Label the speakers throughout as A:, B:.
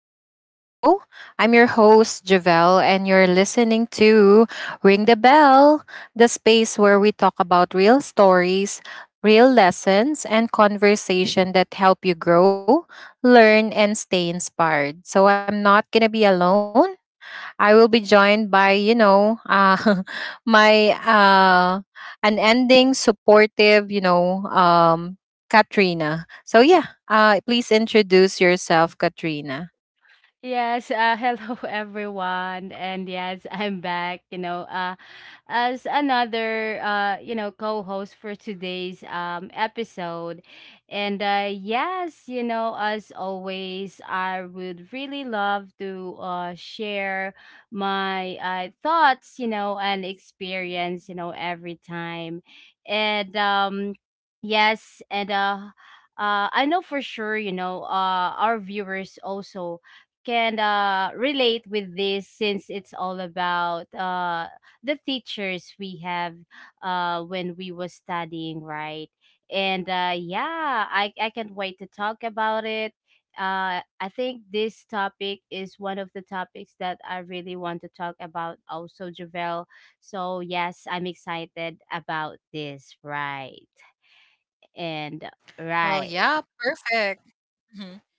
A: back to the show. I'm your host, Javelle, and you're listening to Ring the Bell, the space where we talk about real stories, real lessons, and conversation that help you grow, learn, and stay inspired. So I'm not going to be alone. I will be joined by, you know, my unending, supportive, Katrina. So, yeah, please introduce yourself, Katrina.
B: Yes, Hello everyone, and yes, I'm back. As another co-host for today's episode, and as always, I would really love to share my thoughts, and experience, every time, and yes, and. I know for sure, our viewers also can relate with this since it's all about the teachers we have when we was studying, right? and Yeah, I can't wait to talk about it. I think this topic is one of the topics that I really want to talk about also, Javel. So yes, I'm excited about this, right? And right.
A: Well, yeah, perfect.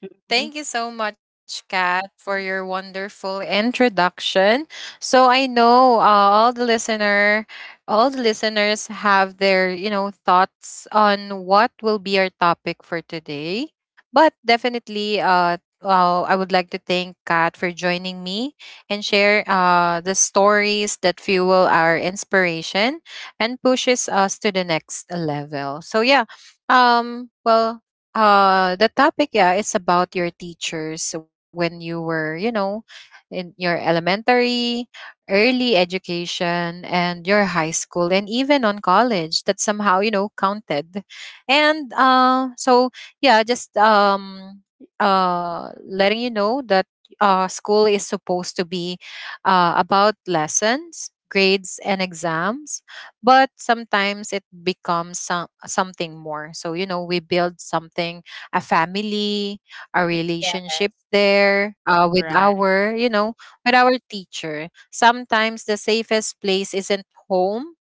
B: Mhm.
A: Thank you so much, Kat, for your wonderful introduction. So I know all the listeners have their you know thoughts on what will be our topic for today. But definitely, I would like to thank Kat for joining me and share the stories that fuel our inspiration and pushes us to the next level. So yeah, well, the topic, yeah, it's about your teachers when you were, you know, in your elementary, early education, and your high school, and even on college that somehow, you know, counted. And uh, so, yeah, just letting you know that school is supposed to be about lessons, grades, and exams, but sometimes it becomes something more, so you know we build something, a family, a
B: Yes,
A: relationship there with
B: right.
A: our you know with our teacher. Sometimes the safest place isn't home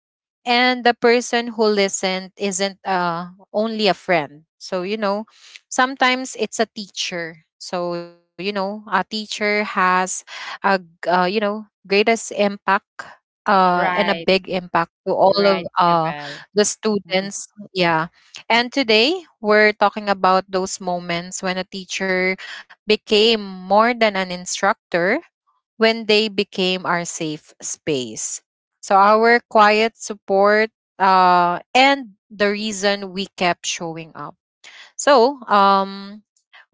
A: and the person who listened isn't only a friend, so you know sometimes it's a teacher. So you know a teacher has a g- you know greatest impact, and a
B: Right.
A: big impact to all of
B: Right, Javel.
A: the
B: Mhm.
A: students. Yeah, and today we're talking about those moments when a teacher became more than an instructor, when they became our safe space. So our quiet support, and the reason we kept showing up. So,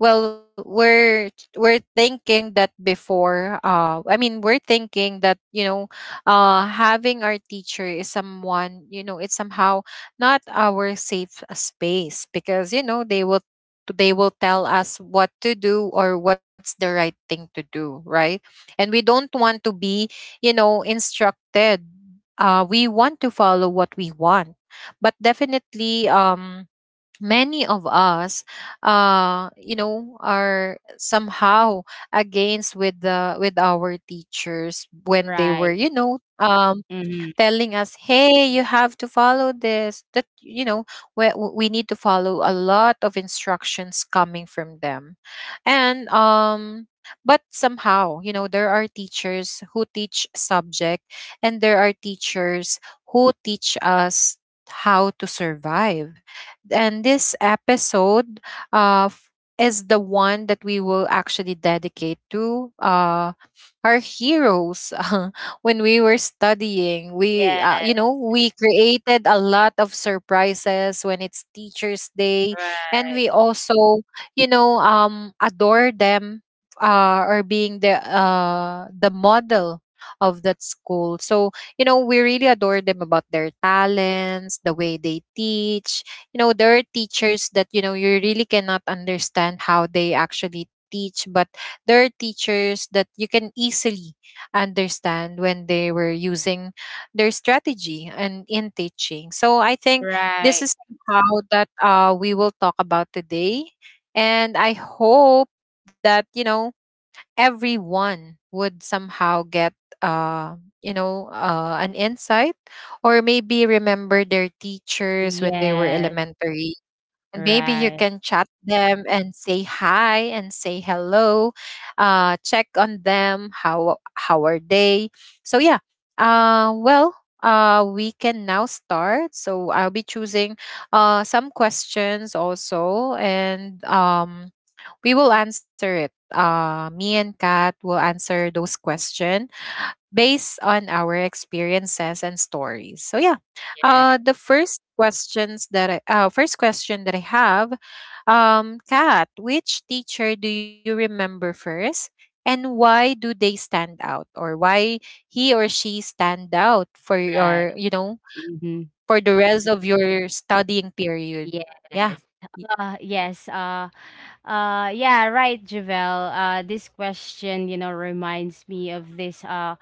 A: well, we're thinking that before. I mean, we're thinking that you know, having our teacher is someone you know, it's somehow not our safe space because you know they will tell us what to do or what's the right thing to do, right? And we don't want to be you know instructed. We want to follow what we want, but definitely many of us you know are somehow against with the with our teachers when they were
B: Right.
A: you know
B: Mhm.
A: telling us, "Hey, you have to follow this." That you know, we need to follow a lot of instructions coming from them, and. But somehow, you know, there are teachers who teach subject, and there are teachers who teach us how to survive. And this episode uh, f- is the one that we will actually dedicate to our heroes. When we were studying, we
B: Yes,
A: you know we created a lot of surprises when it's teachers day, and
B: right.
A: we also you know adore them, or being the model of that school. So you know we really adore them about their talents, the way they teach. You know, there are teachers that you know you really cannot understand how they actually teach, but there are teachers that you can easily understand when they were using their strategy and in teaching. So I think this
B: Right.
A: is how that we will talk about today. And I hope that, you know, everyone would somehow get an insight or maybe remember their teachers when they were
B: Yes.
A: elementary. Maybe you
B: Right.
A: can chat them and say hi and say hello, check on them how are they. So yeah, well, we can now start, so I'll be choosing some questions also, and we will answer it. Me and Kat will answer those questions based on our experiences and stories. So yeah,
B: Yes.
A: the first questions that I, first question that I have, Kat, which teacher do you remember first, and why do they stand out, or why he or she stand out for
B: Right.
A: your, you know,
B: Mhm.
A: for the rest of your studying period?
B: Yes.
A: Yeah. Y-
B: Uh, yes. Uh, yeah, right, Javel. This question, you know, reminds me of this. Uh,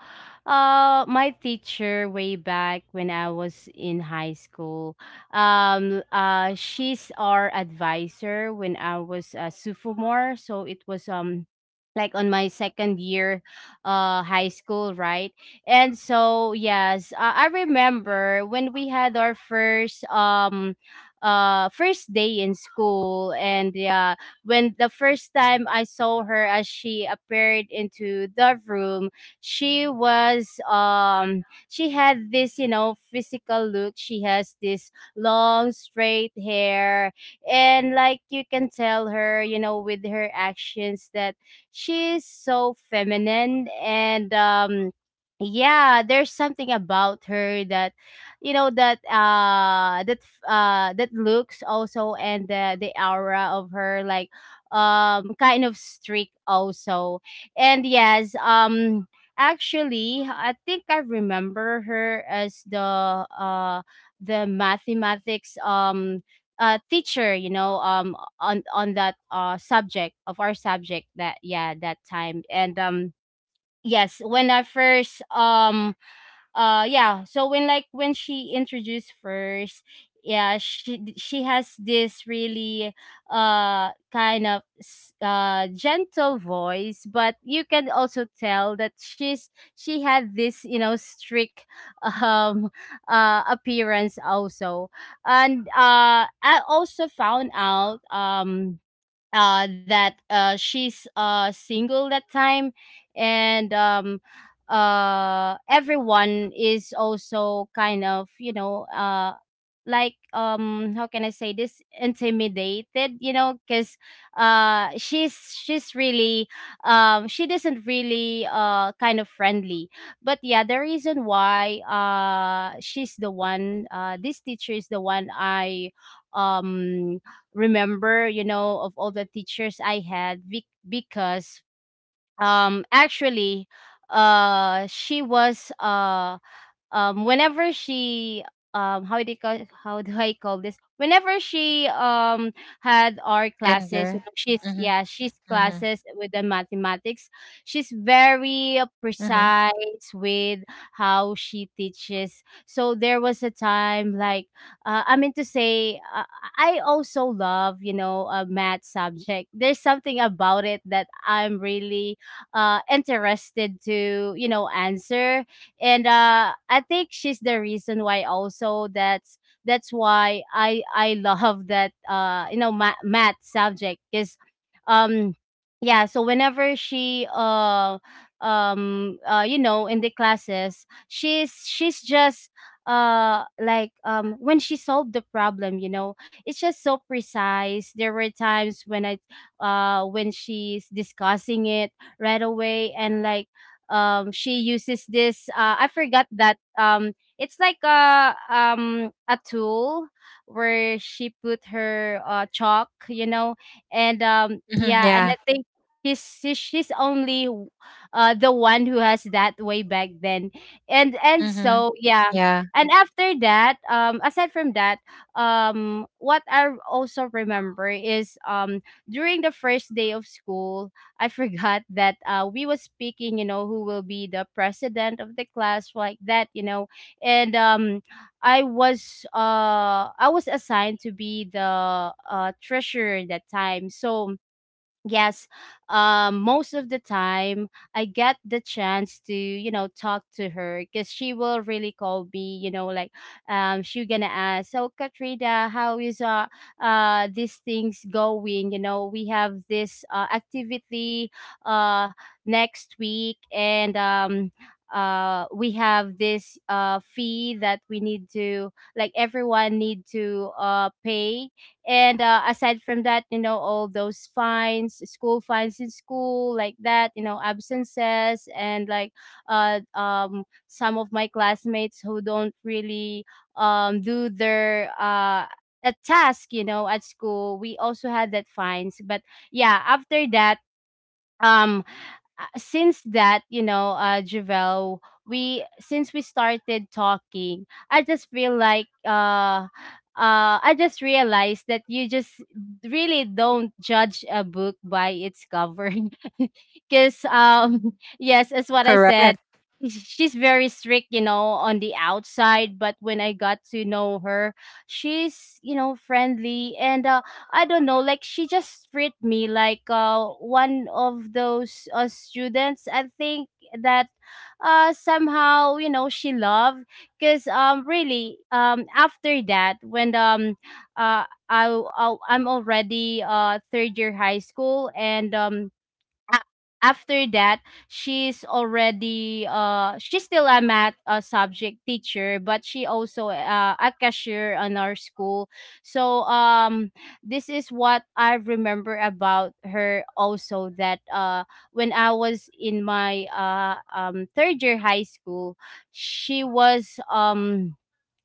B: uh, My teacher way back when I was in high school. She's our advisor when I was a sophomore. So it was like on my second year, high school, right? And so yes, I remember when we had our first first day in school. And yeah, when the first time I saw her, as she appeared into the room, she was she had this, you know, physical look. She has this long straight hair, and like, you can tell her, you know, with her actions, that she's so feminine. And yeah, there's something about her that, you know, that looks also, and the aura of her, like, kind of streak also. And yes, actually I think I remember her as uh the mathematics teacher, you know, on that subject, of our subject that, yeah, that time. And yes, when I first yeah, so when, like, when she introduced first, yeah, she has this really kind of gentle voice, but you can also tell that she's, she had this, you know, strict um appearance also. And I also found out, that she's single that time. And everyone is also kind of, you know, like, how can I say this, intimidated, you know, because uh she's she's really she doesn't really kind of friendly. But yeah, the reason why she's the one this teacher is the one I um remember, you know, of all the teachers I had, because actually she was whenever she how do you call, how do I call this? Whenever she had our
A: and
B: classes, you
A: there.
B: know, she's, yeah,
A: Mm-hmm,
B: she's
A: mm-hmm,
B: classes with the mathematics. She's very
A: mm-hmm,
B: precise with how she teaches. So there was a time like, I mean to say, I also love, you know, a math subject. There's something about it that I'm really interested to, you know, answer. And I think she's the reason why also that's why I love that, you know, math subject, because um yeah, so whenever she you know, in the classes, she's just like, when she solved the problem, you know, it's just so precise. There were times when I when she's discussing it right away, and like, she uses this, I forgot that, it's like a tool where she put her chalk, you know, and
A: mm-hmm,
B: yeah. And I
A: yeah.
B: think he's she's only the one who has that way back then. And
A: Mm-hmm.
B: so yeah.
A: Yeah.
B: And after that, aside from that, what I also remember is, during the first day of school, I forgot that, we was speaking, you know, who will be the president of the class, like that, you know, and I was assigned to be the treasurer that time. So yes, most of the time I get the chance to, you know, talk to her, because she will really call me, you know, like, she gonna ask, so, Katrina, how is these things going? You know, we have this activity uh next week, and we have this fee that we need to, like, everyone need to pay. And aside from that, you know, all those fines, school fines in school, like that, you know, absences and like, some of my classmates who don't really do their a task, you know, at school, we also had that fines. But yeah, after that, um since that, you know, Javel, we since we started talking, I just feel like, I just realized that you just really don't judge a book by its cover because yes, as what I said,
A: Correct.
B: she's very strict, you know, on the outside, but when I got to know her, she's, you know, friendly. And I don't know, like, she just treat me like one of those, students. I think that somehow, you know, she loved, because really after that, when I'm already third year high school, and a- after that, she's already she's still a math, subject teacher, but she also a cashier on our school. So this is what I remember about her also, that when I was in my third year high school, she was um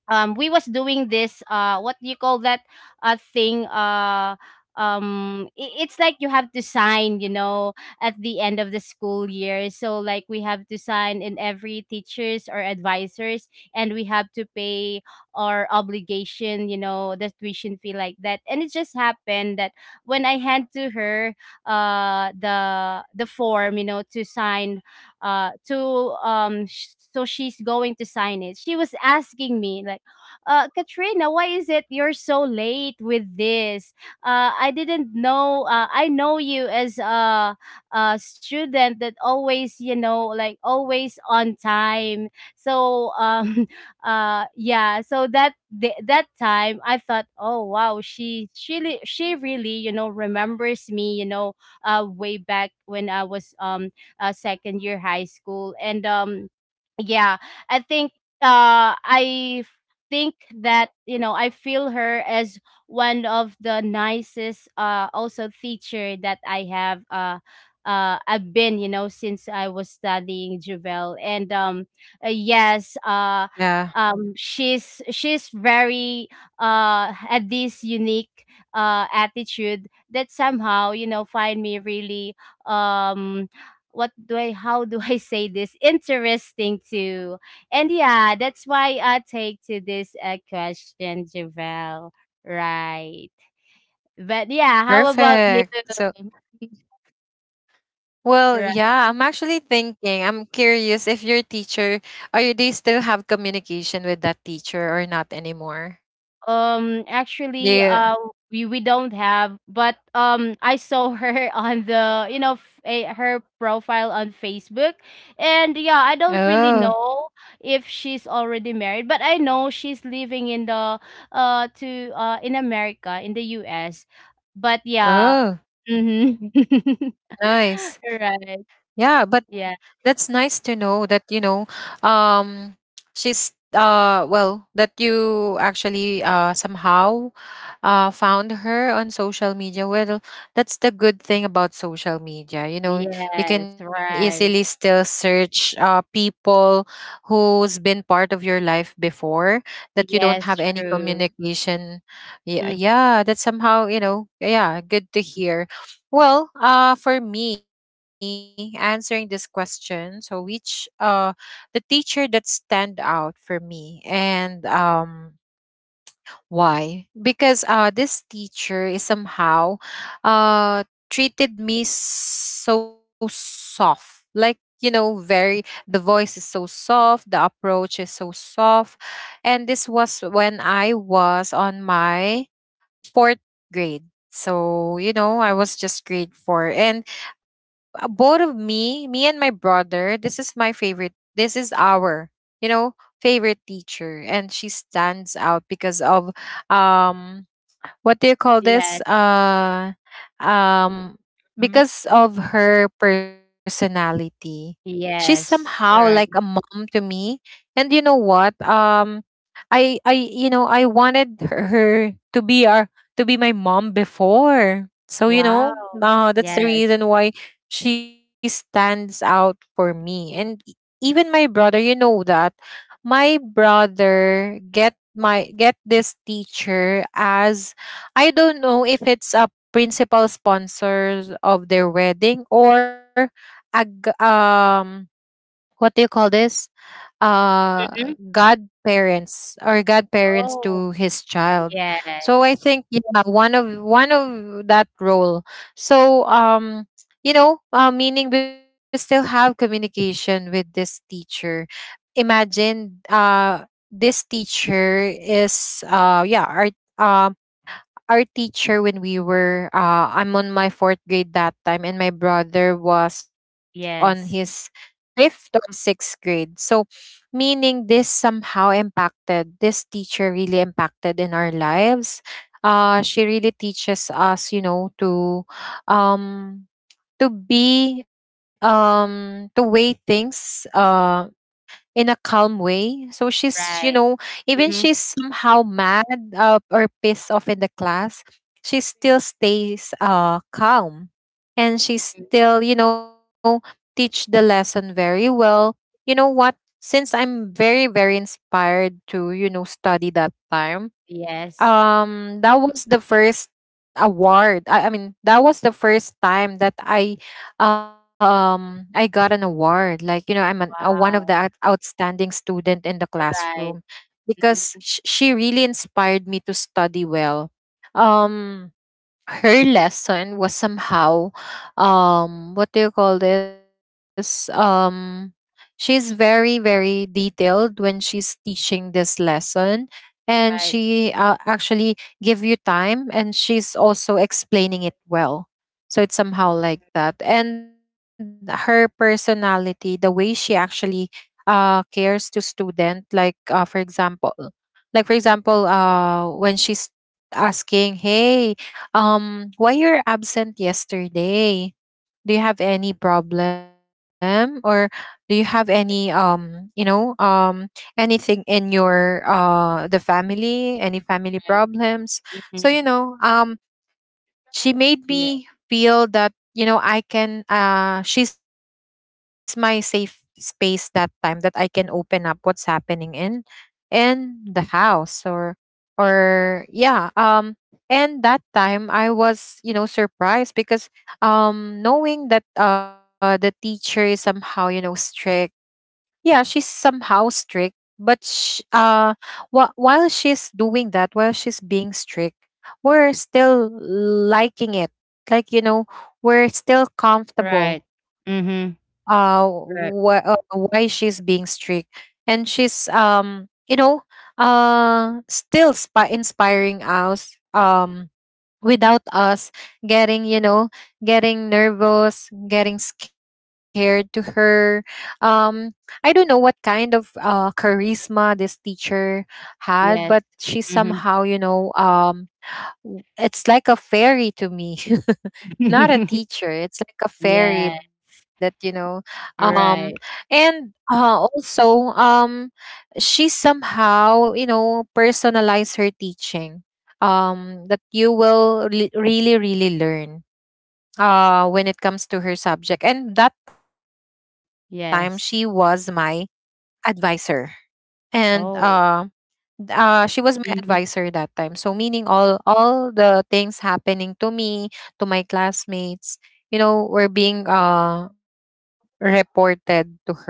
B: um we was doing this what do you call that, uh thing uh it's like you have to sign, you know, at the end of the school year. So like, we have to sign in every teachers or advisors, and we have to pay our obligation, you know, the tuition fee, like that. And it just happened that, when I hand to her the form, you know, to sign, so she's going to sign it, she was asking me like, Katrina, why is it you're so late with this? I didn't know. I know you as a student that always, you know, like, always on time. So, yeah. So that that time, I thought, oh wow, she really, you know, remembers me, you know, way back when I was, second year high school. And yeah, I think I think that, you know, I feel her as one of the nicest also teacher that I have, I've been, you know, since I was studying, Juvel. And uh, yes uh
A: Yeah.
B: she's very had this unique attitude that somehow, you know, find me really um what do I, how do I say this, interesting to. And yeah, that's why I take to this, question, Javel. Right. But yeah, how about
A: Perfect.
B: you?
A: So, well, yeah, I'm actually thinking, I'm curious if your teacher, are you, do you still have communication with that teacher or not anymore?
B: Actually,
A: Do
B: uh,
A: you,
B: we we don't have, but I saw her on the, you know, her profile on Facebook. And yeah, I don't really
A: oh,
B: know if she's already married, but I know she's living in the to in America, in the U.S. But yeah,
A: oh,
B: mm-hmm.
A: nice.
B: Right,
A: Yeah, but
B: yeah.
A: that's nice to know that, you know, um, she's, well, that you actually, somehow found her on social media. Well, that's the good thing about social media. You know,
B: Yes,
A: you can
B: right.
A: easily still search people who's been part of your life before that you
B: Yes,
A: don't have any
B: true.
A: communication. Yeah,
B: Mhm.
A: yeah, that's somehow, you know, yeah, good to hear. Well, for me, answering this question, so which the teacher that stand out for me, and why? Because this teacher is somehow uh, treated me so soft. Like, you know, very, the voice is so soft, the approach is so soft. And this was when I was on my fourth grade. So, you know, I was just grade four. And both of me, me and my brother, this is my favorite, this is our, you know, favorite teacher. And she stands out because of um what do you call this
B: Yes.
A: um
B: Mm-hmm.
A: because of her personality. She's somehow
B: Yes,
A: like a
B: right.
A: mom to me, and you know what, I you know I wanted her to be our, to be my mom before. So you know
B: Wow.
A: that's the
B: Yes.
A: reason why she stands out for me.
B: Mhm.
A: Even my brother, you know, that my brother get my get this teacher as, I don't know if it's a principal sponsors of their wedding or a g- um what do you call this? Uh,
B: Mhm.
A: godparents or godparents
B: Oh,
A: to his child.
B: yeah.
A: So I think yeah, one of that role. So you know, meaning we still have communication with this teacher. Imagine this teacher is yeah, uh our teacher when we were I'm on my fourth grade that time and my brother was on his
B: Yes,
A: fifth or sixth grade. So meaning this somehow impacted, this teacher really impacted in our lives. Uh, she really teaches us, you know, um to be to weigh things in a calm way. So she's, you know,
B: right.
A: even she's
B: Mhm.
A: somehow mad or pissed off in the class, she still stays calm, and she
B: Mm.
A: still, you know, teach the lesson very well. You know what? Since I'm very, very inspired to, you know, study that time,
B: Yes.
A: that was the first award, I mean that was the first time that I got an award, like you know I'm one of the
B: Wow.
A: outstanding student in the
B: Right.
A: classroom, because
B: Mhm.
A: she really inspired me to study well. um Her lesson was somehow what do you call this she's very, very detailed when she's teaching this lesson, and
B: Right,
A: she actually give you time, and she's also explaining it well, so it's somehow like that. And her personality, the way she actually cares to student, like for example like for example when she's asking, hey, why you're absent yesterday? Do you have any problem, or do you have any anything in your the family, any family
B: right.
A: problems? So you
B: Mhm.
A: know, she made
B: Yeah.
A: me feel that you know I can, she's my safe space that time, that I can open up what's happening in the house, or yeah. And that time I was you know surprised because knowing that the teacher is somehow you know strict, yeah she's somehow strict, but sh- uh while she's doing that, while she's being strict, we're still liking it, like you know we're still
B: Right.
A: comfortable
B: Mhm. Right.
A: why she's being strict, and she's you know still spa inspiring us, without us getting you know getting nervous, getting scared to her. um I don't know what kind of charisma this teacher had, but
B: Yes.
A: she somehow
B: Mhm.
A: you know it's like a fairy to me, not a teacher, it's like a fairy
B: Yeah.
A: that you know. um
B: Right.
A: and also, she somehow you know personalize her teaching that you will really really learn when it comes to her subject. And that time she was my
B: Yes.
A: advisor, and
B: Oh.
A: she was my advisor that
B: Mhm.
A: time. So meaning all the things happening to me, to my classmates, you know, were being reported to her.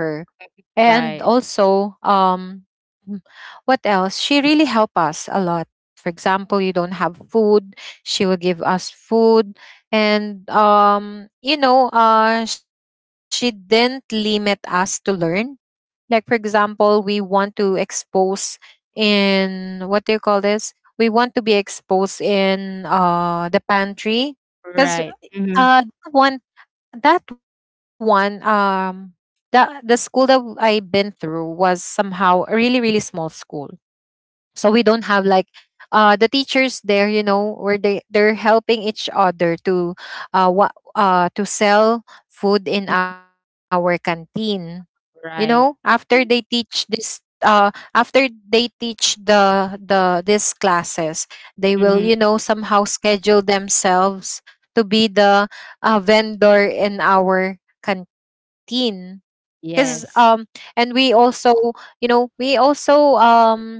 A: And
B: Right.
A: also, m- what else? She really helped us a lot. For example, you don't have food, she will give us food. And you know, she didn't limit us to learn, like for example, we want to expose in what do you call this? We want to be exposed in the pantry because
B: Right. Mhm.
A: that one that one, the school that I been through was somehow a really really small school. So we don't have like the teachers there, you know, where they're helping each other to what to sell food in our canteen, you know, after
B: Right.
A: they
B: Mhm.
A: teach this after they teach these classes. They will,
B: Mhm.
A: you know, somehow schedule themselves to be the vendor in our canteen because
B: Yes.
A: and we also, you know, we also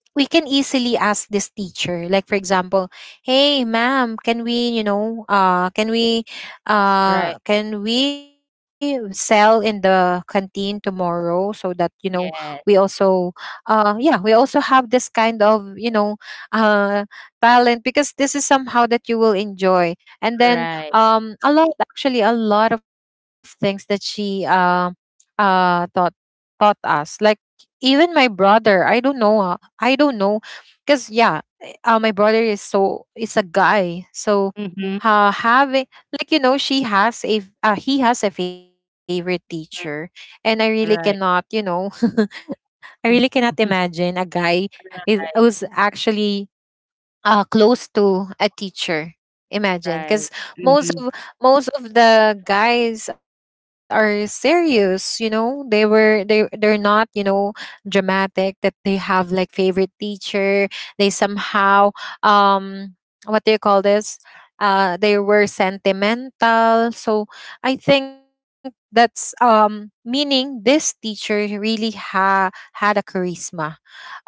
A: we can easily ask this teacher. Like, for example, hey ma'am, can we, you know,
B: Right.
A: can we sell in the canteen tomorrow so that you know we
B: Yeah.
A: also yeah, we also have this kind of, you know, uh talent, because this is somehow that you will enjoy. And then
B: Right.
A: a lot, actually, a lot of things that she taught, taught us. Like, even my brother, I don't know, I don't know, because yeah, my brother is so is a guy, so
B: Mhm.
A: having like, you know, she has a he has a favorite teacher, and I really cannot, you
B: Right.
A: know, I really cannot imagine a guy is who's
B: Right,
A: actually close to a teacher. Imagine,
B: right.
A: because
B: Mhm.
A: most of the guys are serious. You know, they were they they're not, you know, dramatic, that they have like favorite teacher. They somehow um what do you call this? They were sentimental. So I think that's meaning this teacher really ha had a charisma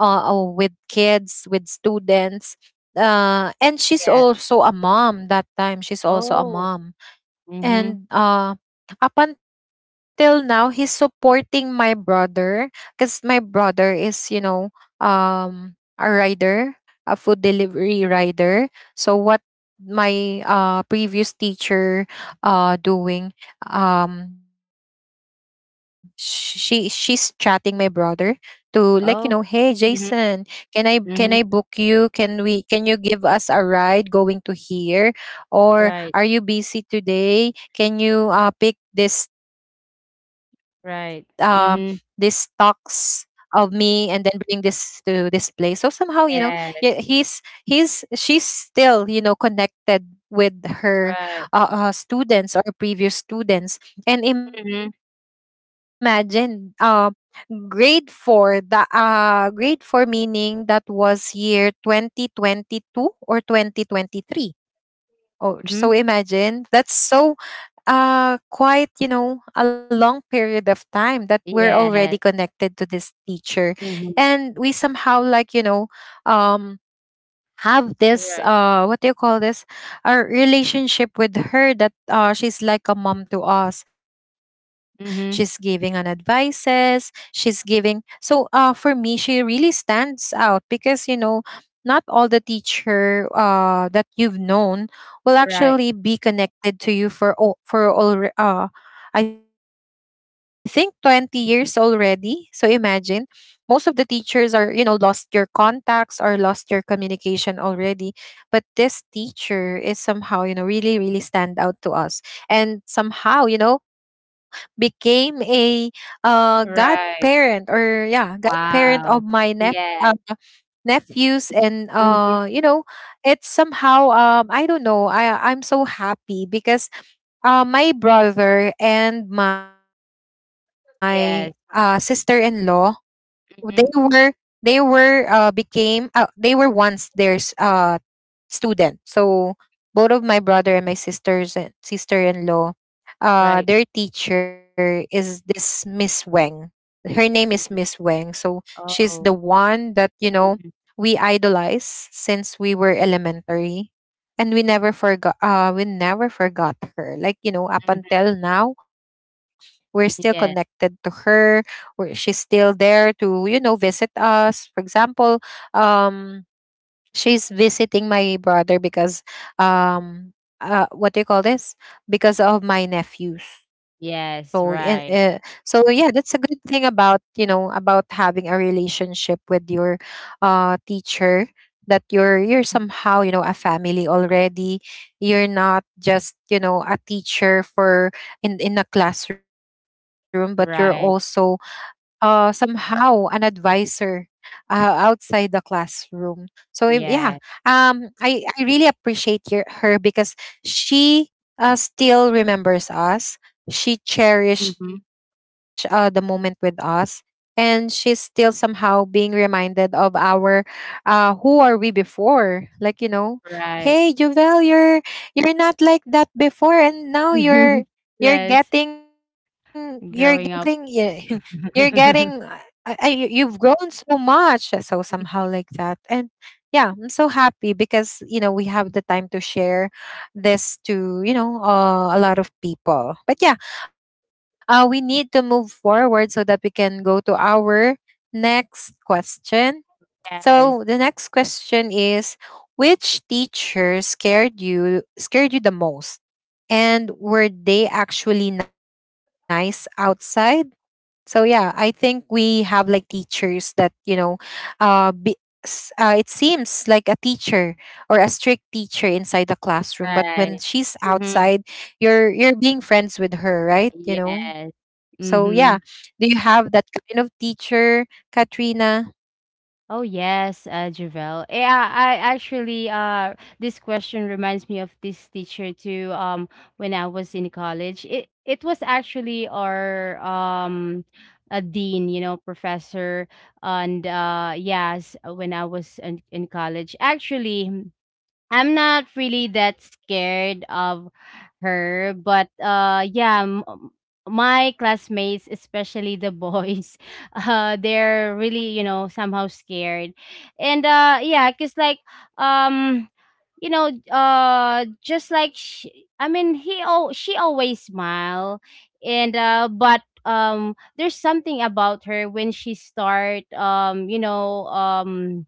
A: uh, with kids, with students.
B: Yeah.
A: And she's also a mom that time.
B: Oh.
A: She's also a mom,
B: Mhm.
A: and up until now he's supporting my brother because my brother is, you know, um a rider, a food delivery rider. So what my previous teacher doing, she she's chatting my brother to, like, you know, hey
B: Oh.
A: Jason,
B: Mhm,
A: can I book you,
B: mhm.
A: can you give us a ride going to here, or are you
B: Right,
A: busy today, can you, pick this um these
B: right.
A: stocks of
B: Mhm.
A: me and then bring this to this place?" So somehow, you know, yeah,
B: Yes,
A: he's she's still, you know, connected with her
B: right.
A: students or previous students. And imagine,
B: Mhm,
A: grade four, the grade four, meaning that was year 2022 or 2023. Oh, so
B: mhm.
A: imagine that's so quite, you know, a long period of time that we're already connected
B: Yes.
A: to this teacher. And
B: Mhm.
A: we somehow, like, you know, um have this
B: Right.
A: what do you call this, a relationship with her, that she's like a mom to us. She's giving an
B: Mhm.
A: advices, she's giving, so for me, she really stands out because, you know, not all the teacher that you've known will actually
B: Right,
A: be connected to you for all I think 20 years already, so imagine most of the teachers are, you know, lost your contacts or lost your communication already. But this teacher is somehow, you know, really really stand out to us, and somehow, you know, became a godparent,
B: right.
A: or yeah, godparent of my
B: Wow.
A: nephew,
B: Yes.
A: nephews, and
B: Mhm.
A: you know, it's somehow I don't know, I'm so happy because my brother and my sister-in-law,
B: Yes.
A: they were they were
B: Mhm.
A: became they were once there's student. So both of my brother and my sisters and sister-in-law, their
B: Right.
A: teacher is this Miss Weng. Her name is Miss Weng.
B: Mhm.
A: So she's the
B: Oh.
A: one that, you know,
B: Mhm,
A: we idolize since we were elementary. And we never forgot her. Like, you know, up
B: mhm.
A: until now, we're still connected to
B: Yes.
A: her. She's still there to, you know, visit us. For example, um she's visiting my brother because um what do you call this, because of my nephews. So and
B: Yes,
A: so
B: right.
A: yeah, that's a good thing about, you know, about having a relationship with your teacher, that you're
B: Mhm.
A: somehow, you know, a family already. You're not just, you know, a teacher for in a classroom, but you're also
B: Right.
A: somehow an advisor uh, outside the classroom. So yeah,
B: Yeah.
A: I really appreciate your, her, because she still remembers us. She
B: Mhm.
A: cherish the moment with us, and she's still somehow being reminded of our who are we before. Like, you know,
B: Right.
A: hey Juvel, you're not like that before, and
B: Mhm.
A: now you're
B: Yes,
A: you're
B: growing
A: getting
B: up.
A: yeah you're getting you've grown so much, so somehow like that. And yeah, I'm so happy because, you know, we have the time to share this to, you know, a lot of people. But yeah, we need to move forward so that we can go to our next question.
B: Yes,
A: So the next question is, which teacher scared you the most, and were they actually nice outside? So yeah, I think we have like teachers that, you know, uh, be, it seems like a teacher or a strict teacher inside the classroom,
B: right.
A: but when she's
B: Mm-hmm.
A: outside, you're being friends with her, right?
B: Yes.
A: You know. So
B: Mm-hmm.
A: yeah, do you have that kind of teacher, Katrina?
B: Oh yes, Javel. Yeah, I actually this question reminds me of this teacher too. When I was in college, it was actually our a dean, you know, professor. And yes, when I was in college, actually, I'm not really that scared of her. But yeah, my classmates, especially the boys, they're really, you know, somehow scared. And yeah, cuz like um just like she, I mean, he, oh, she always smile. And but there's something about her when she start,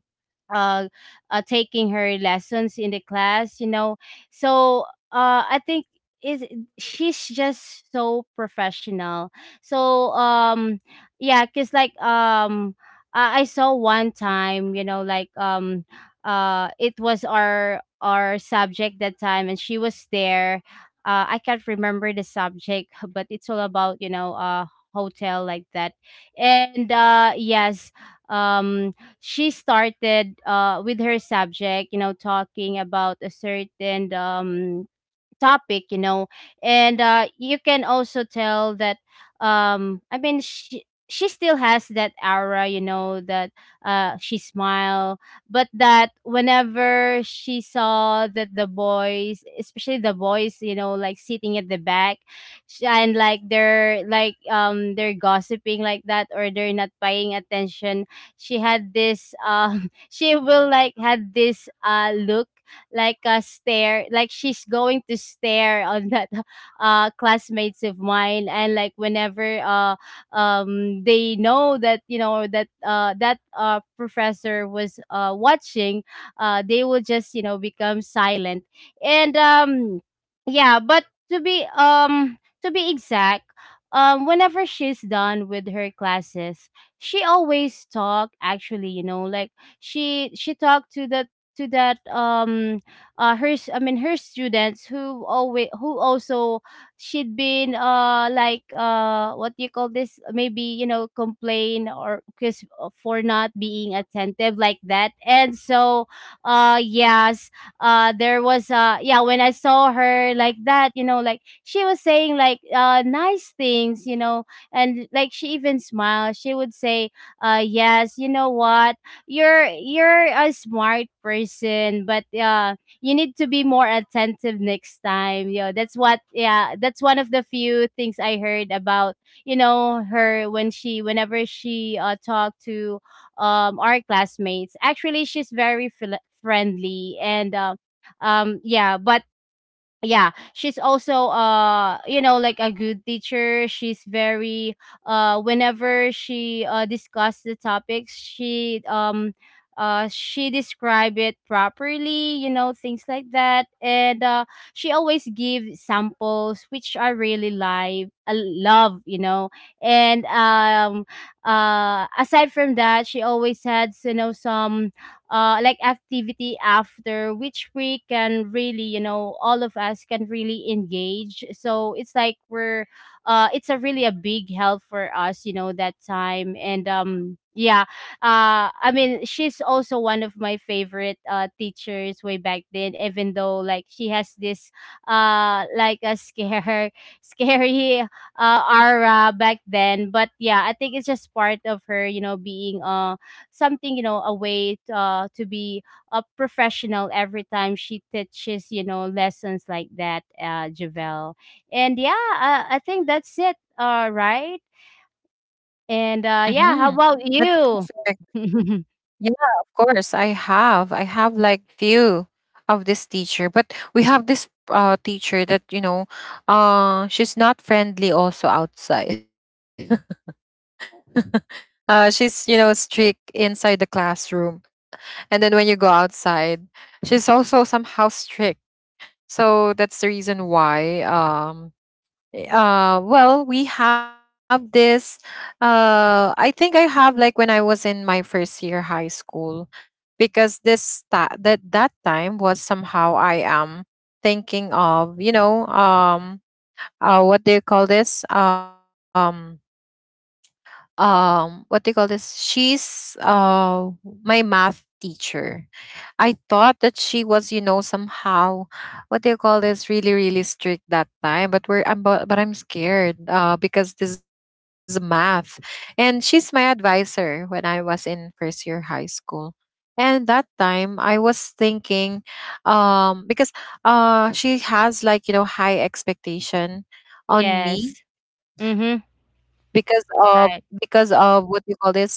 B: uh, taking her lessons in the class, you know so I think, is she's just so professional, so yeah, because like I saw one time, like it was our subject that time, and she was there. I can't remember the subject but it's all about hotel, like that. And yes. um she started, with her subject, talking about a certain, topic, and you can also tell that, I mean, she still has that aura, that she smile. But that, whenever she saw that the boys, especially the boys, like sitting at the back, and like they're like, they're gossiping, like that, or they're not paying attention, she had this, she will like had this, look, like a stare, like she's going to stare on that, classmates of mine. And like whenever, they know that, that, professor was, watching, they will just, become silent. And yeah, but to be, exact, whenever she's done with her classes, she always talk, actually, like, she talked to that, to that um I mean, her students who always, who also, she'd been, like, what do you call this, maybe, complain, or because for not being attentive, like that. And so, yes. There was, yeah, when I saw her like that, like she was saying like, nice things. And like she even smiled. She would say, "Yes, you know what, you're a smart person, but, you need to be more attentive next time." You know, that's what, yeah, that's one of the few things I heard about, you know, her, when she whenever she, talked to, our classmates. Actually, she's very, friendly. And yeah, but yeah, she's also, like a good teacher. She's very, whenever she, discussed the topics, she describe it properly, things like that. And she always give samples, which I really live I love. And aside from that, she always had, some, like activity after, which we can really, all of us can really engage. So it's like we're, it's a really a big help for us, that time. And yeah, I mean, she's also one of my favorite, teachers way back then, even though like she has this, like a scary, aura back then. But yeah, I think it's just part of her, being, something, a way, to be a professional every time she teaches, lessons like that, Javel. And yeah, I think that's it, all right. and
A: Mm-hmm.
B: uh yeah, how
A: That's,
B: about you?
A: yeah, of course. I have. I have like few of this teacher. But we have this teacher that, you know, she's not friendly also outside. She's, you know, strict inside the classroom. And then when you go outside, she's also somehow strict. So that's the reason why well, we have this I think I have like when I was in my first year high school, because this that that time was somehow I am thinking of, you know, what do you call this, what do you call this, she's my math teacher. I thought that she was, you know, somehow, what do you call this? Really really strict that time. But we're I'm, but I'm scared because this is math, and she's my advisor when I was in first year high school. And that time I was thinking, because she has like, you know, high expectation on me,
B: Yes. Mm-hmm.
A: because of, because
B: Right.
A: of, what do you call this,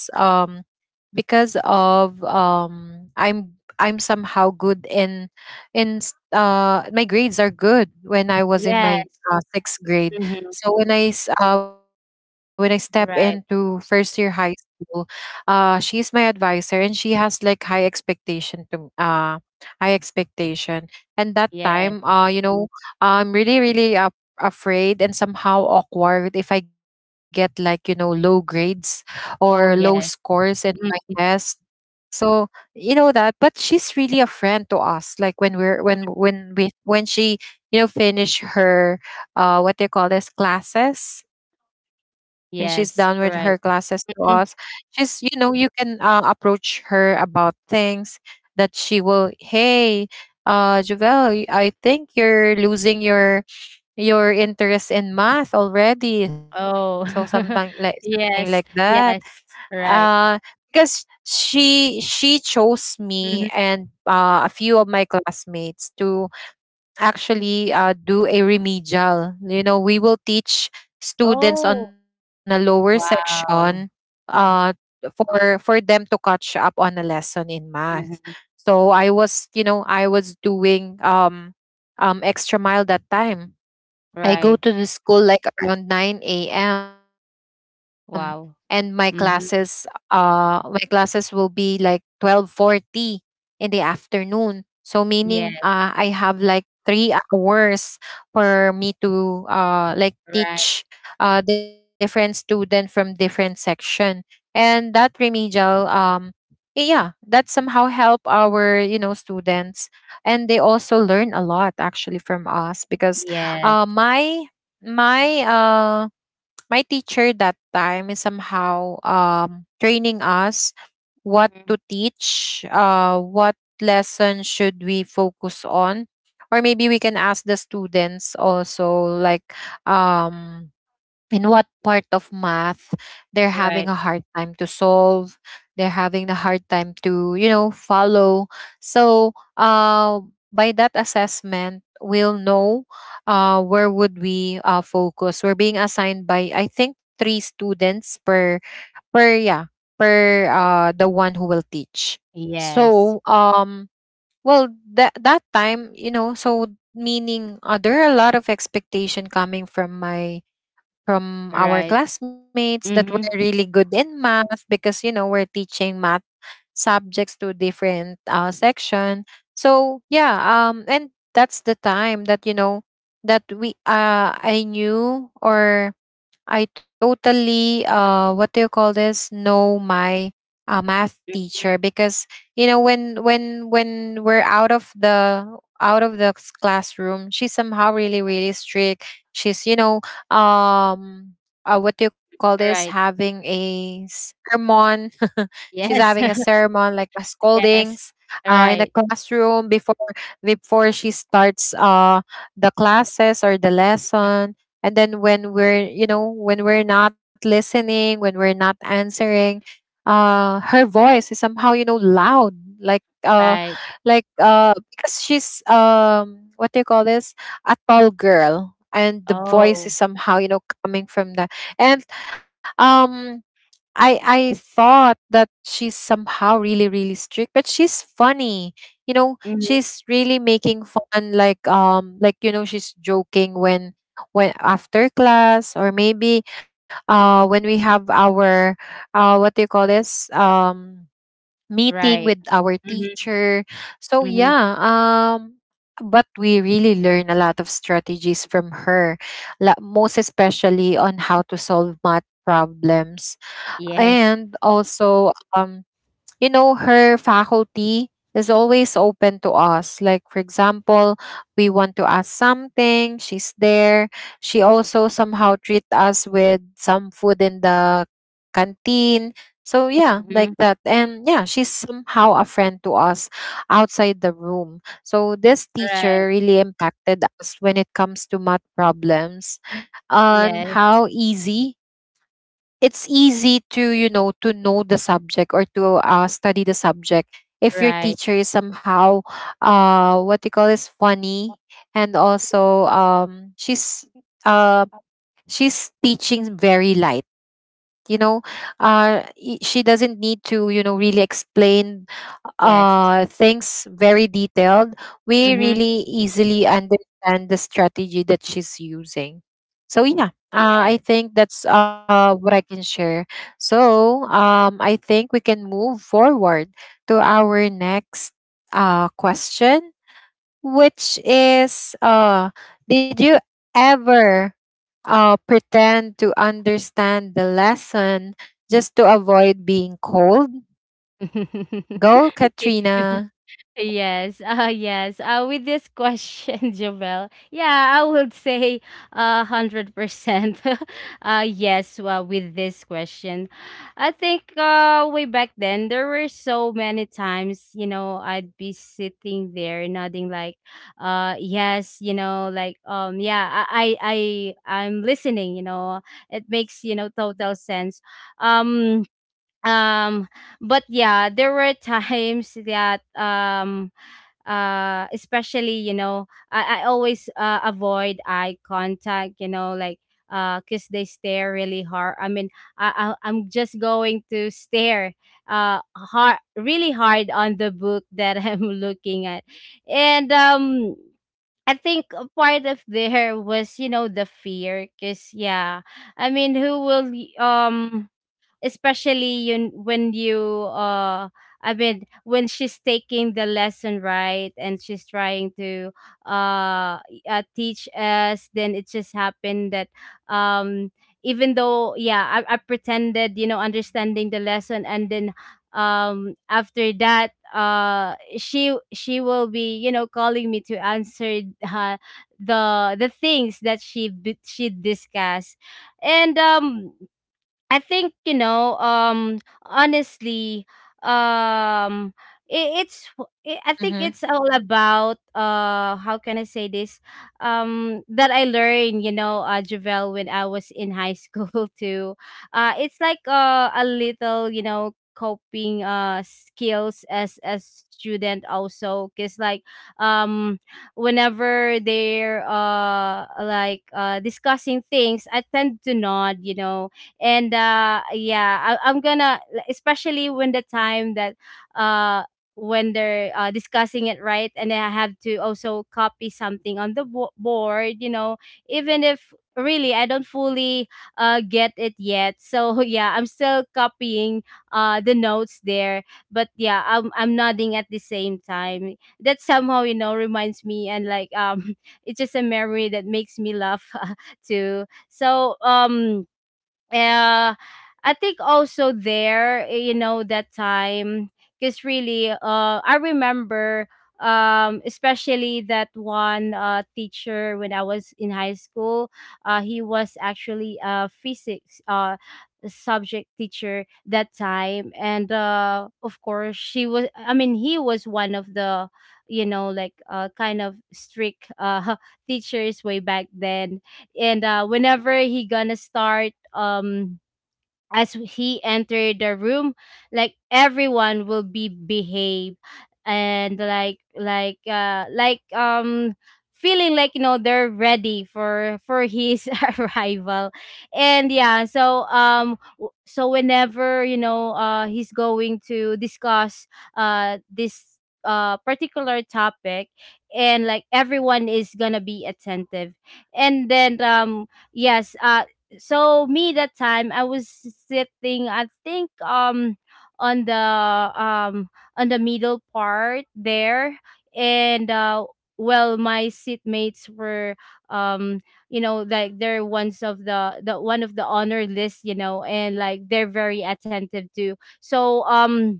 A: because of, I'm somehow good in my grades are good when I was in my
B: Yes.
A: sixth grade.
B: Mm-hmm.
A: So when when I step into first year
B: Right.
A: high school, she's my advisor and she has like high expectation to high expectation. And that time,
B: Yes.
A: you know, I'm really really afraid and somehow awkward if I get like, you know, low grades or low
B: Oh,
A: scores
B: yes.
A: in my test.
B: Mm,
A: So you know that, but she's really a friend to us. Like when we're when we when she, you know, finish her what they call this classes, when she's done with her
B: yes.
A: classes to
B: Right.
A: us,
B: Mm.
A: she's, you know, you can, approach her about things. That she will, hey, Javel, I think you're losing your interest in math already. So
B: Oh.
A: something like that,
B: Yes, yes.
A: uh
B: Right.
A: because she chose me and,
B: Hmm.
A: a few of my classmates to actually, do a remedial, you know, we will teach students on
B: Oh,
A: a lower section,
B: wow.
A: uh
B: Mm-hmm.
A: for them to catch up on a lesson in math.
B: Mhm.
A: So I was, you know, I was doing extra mile that time. I go
B: Right.
A: to the school like around 9 a.m. and my classes,
B: Wow. Mhm.
A: my classes will be like 12:40 in the afternoon. So meaning, I
B: Yes.
A: have like 3 hours for me to, like teach,
B: Right.
A: different student from different section. And that remedial, yeah, that somehow help our, you know, students, and they also learn a lot actually from us because
B: Yes.
A: uh, my my uh my teacher that time is somehow training us what
B: Mhm.
A: to teach, what lesson should we focus on, or maybe we can ask the students also, like, um and what part of math they're having
B: Right.
A: a hard time to solve, they're having a hard time to, you know, follow. So uh, by that assessment we'll know where would we, focus. We're being assigned by, I think, three students per per yeah the one who will teach.
B: Yes.
A: So well that that time, you know, so meaning, there are a lot of expectation coming from my from our
B: Right.
A: classmates that were
B: Mhm.
A: really good in math, because, you know, we're teaching math subjects to different, section. So yeah, and that's the time that, you know, that we I knew, or I totally, what do you call this? Know my math
B: Mm.
A: teacher because you know when we're out of the classroom, she's somehow really really strict. She's um what do you call this?
B: Right.
A: Having a sermon. She's
B: Yes.
A: having a sermon like a
B: Yes.
A: scoldings in the
B: Right.
A: classroom before she starts the classes or the lesson. And then when we're not listening, when we're not answering, her voice is somehow you know loud, like uh
B: Right.
A: like because she's what do you call this, a tall girl, and the
B: Oh.
A: voice is somehow you know coming from that. And um I thought that she's somehow really really strict, but she's funny.
B: Mhm.
A: She's really making fun. Like like she's joking when after class, or maybe when we have our what do you call this, meeting
B: Right.
A: with our
B: Mhm.
A: teacher. So
B: Mhm.
A: yeah. But we really learn a lot of strategies from her, most especially on how to solve math problems.
B: Yes.
A: And also, um her faculty is always open to us. Like, for example, we want to ask something, she's there. She also somehow treat us with some food in the canteen. So yeah, like
B: Mhm.
A: that. And yeah, she's somehow a friend to us outside the room. So this
B: Right.
A: teacher really impacted us when it comes to math problems, on
B: Yes.
A: how easy, it's easy to to know the subject, or to study the subject if your
B: Right.
A: teacher is somehow what you call is funny. And also, she's uh she's teaching very light. you know she doesn't need to really explain
B: Yes.
A: things very detailed.
B: Mhm.
A: We really easily understand the strategy that she's using. So yeah,
B: Yes.
A: I think that's what I can share. So I think we can move forward to our next question, which is, did you ever pretend to understand the lesson just to avoid being cold? Go, Katrina.
B: Yes, yes. With this question, Jovel, yeah, I would say 100%. Yes. Well, with this question, I think, way back then there were so many times, you know, I'd be sitting there nodding like, "Yes, you know, like, yeah, I'm listening." You know, it makes, total sense. Um, um, but yeah, there were times that, especially, I always, avoid eye contact, like, because they stare really hard, I mean, I'm just going to stare, hard, really hard, on the book that I'm looking at. And I think a part of there was, you know, the fear, cause yeah, I mean, who will, especially you when you, I mean, when she's taking the lesson, right, and she's trying to, uh, teach us, then it just happened that, um even though yeah, I pretended, understanding the lesson. And then, after that, she will be, calling me to answer, the things that she discussed. And I think, honestly, um i- it's I think it's
A: Mm-hmm.
B: all about, how can I say this, that I learned, Javel, when I was in high school too. It's like, a little, coping, skills as a student also, because like, um whenever they're, like, discussing things, I tend to nod. And yeah. I, I'm gonna especially when the time that, uh when they're, discussing it, right, and then I have to also copy something on the, board. Even if really I don't fully, get it yet, so yeah, I'm still copying, the notes there. But yeah, I'm nodding at the same time, that somehow, reminds me. And like, it's just a memory that makes me laugh too, so, uh, I think also there, you know, that time, because really, I remember, especially that one, teacher when I was in high school, he was actually a physics, subject teacher that time. And, of course, she was, I mean, he was one of the, like, kind of strict, teachers way back then. And whenever he gonna start, as he entered the room, like everyone will be behave, and like, like, feeling like, they're ready for his arrival. And yeah, so, so whenever, he's going to discuss, this, particular topic, and like everyone is gonna be attentive. And then, yes, so me, that time I was sitting, I think, on the um on the middle part there. And well, my seatmates were, um like, they're ones of the one of the honor list, and like they're very attentive too. So,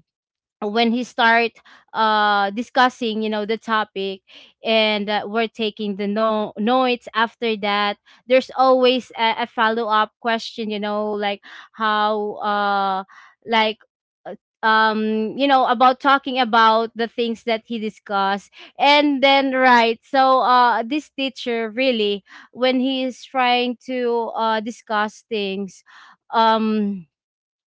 B: when he start, discussing, the topic, and we're taking the, no notes. After that, there's always a follow-up question, like, how, like, uh, about talking about the things that he discussed. And then, right, so, this teacher really, when he is trying to, discuss things, um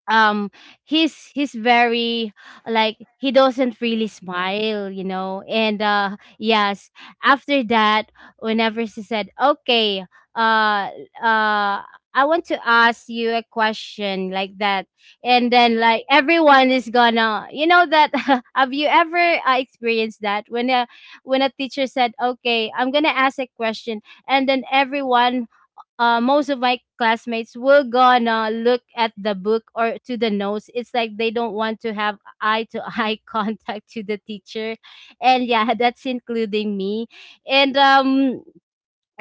B: um he's very, like, he doesn't really smile, you know. And yes, after that, whenever she said, "Okay, uh uh I want to ask you a question," like that, and then like everyone is gonna, that, "Have you ever, experienced that, when a teacher said, 'Okay, I'm gonna ask a question,' and then everyone most of my classmates were gonna look at the book or to the notes." It's like they don't want to have eye to eye contact to the teacher, and yeah, that's including me. And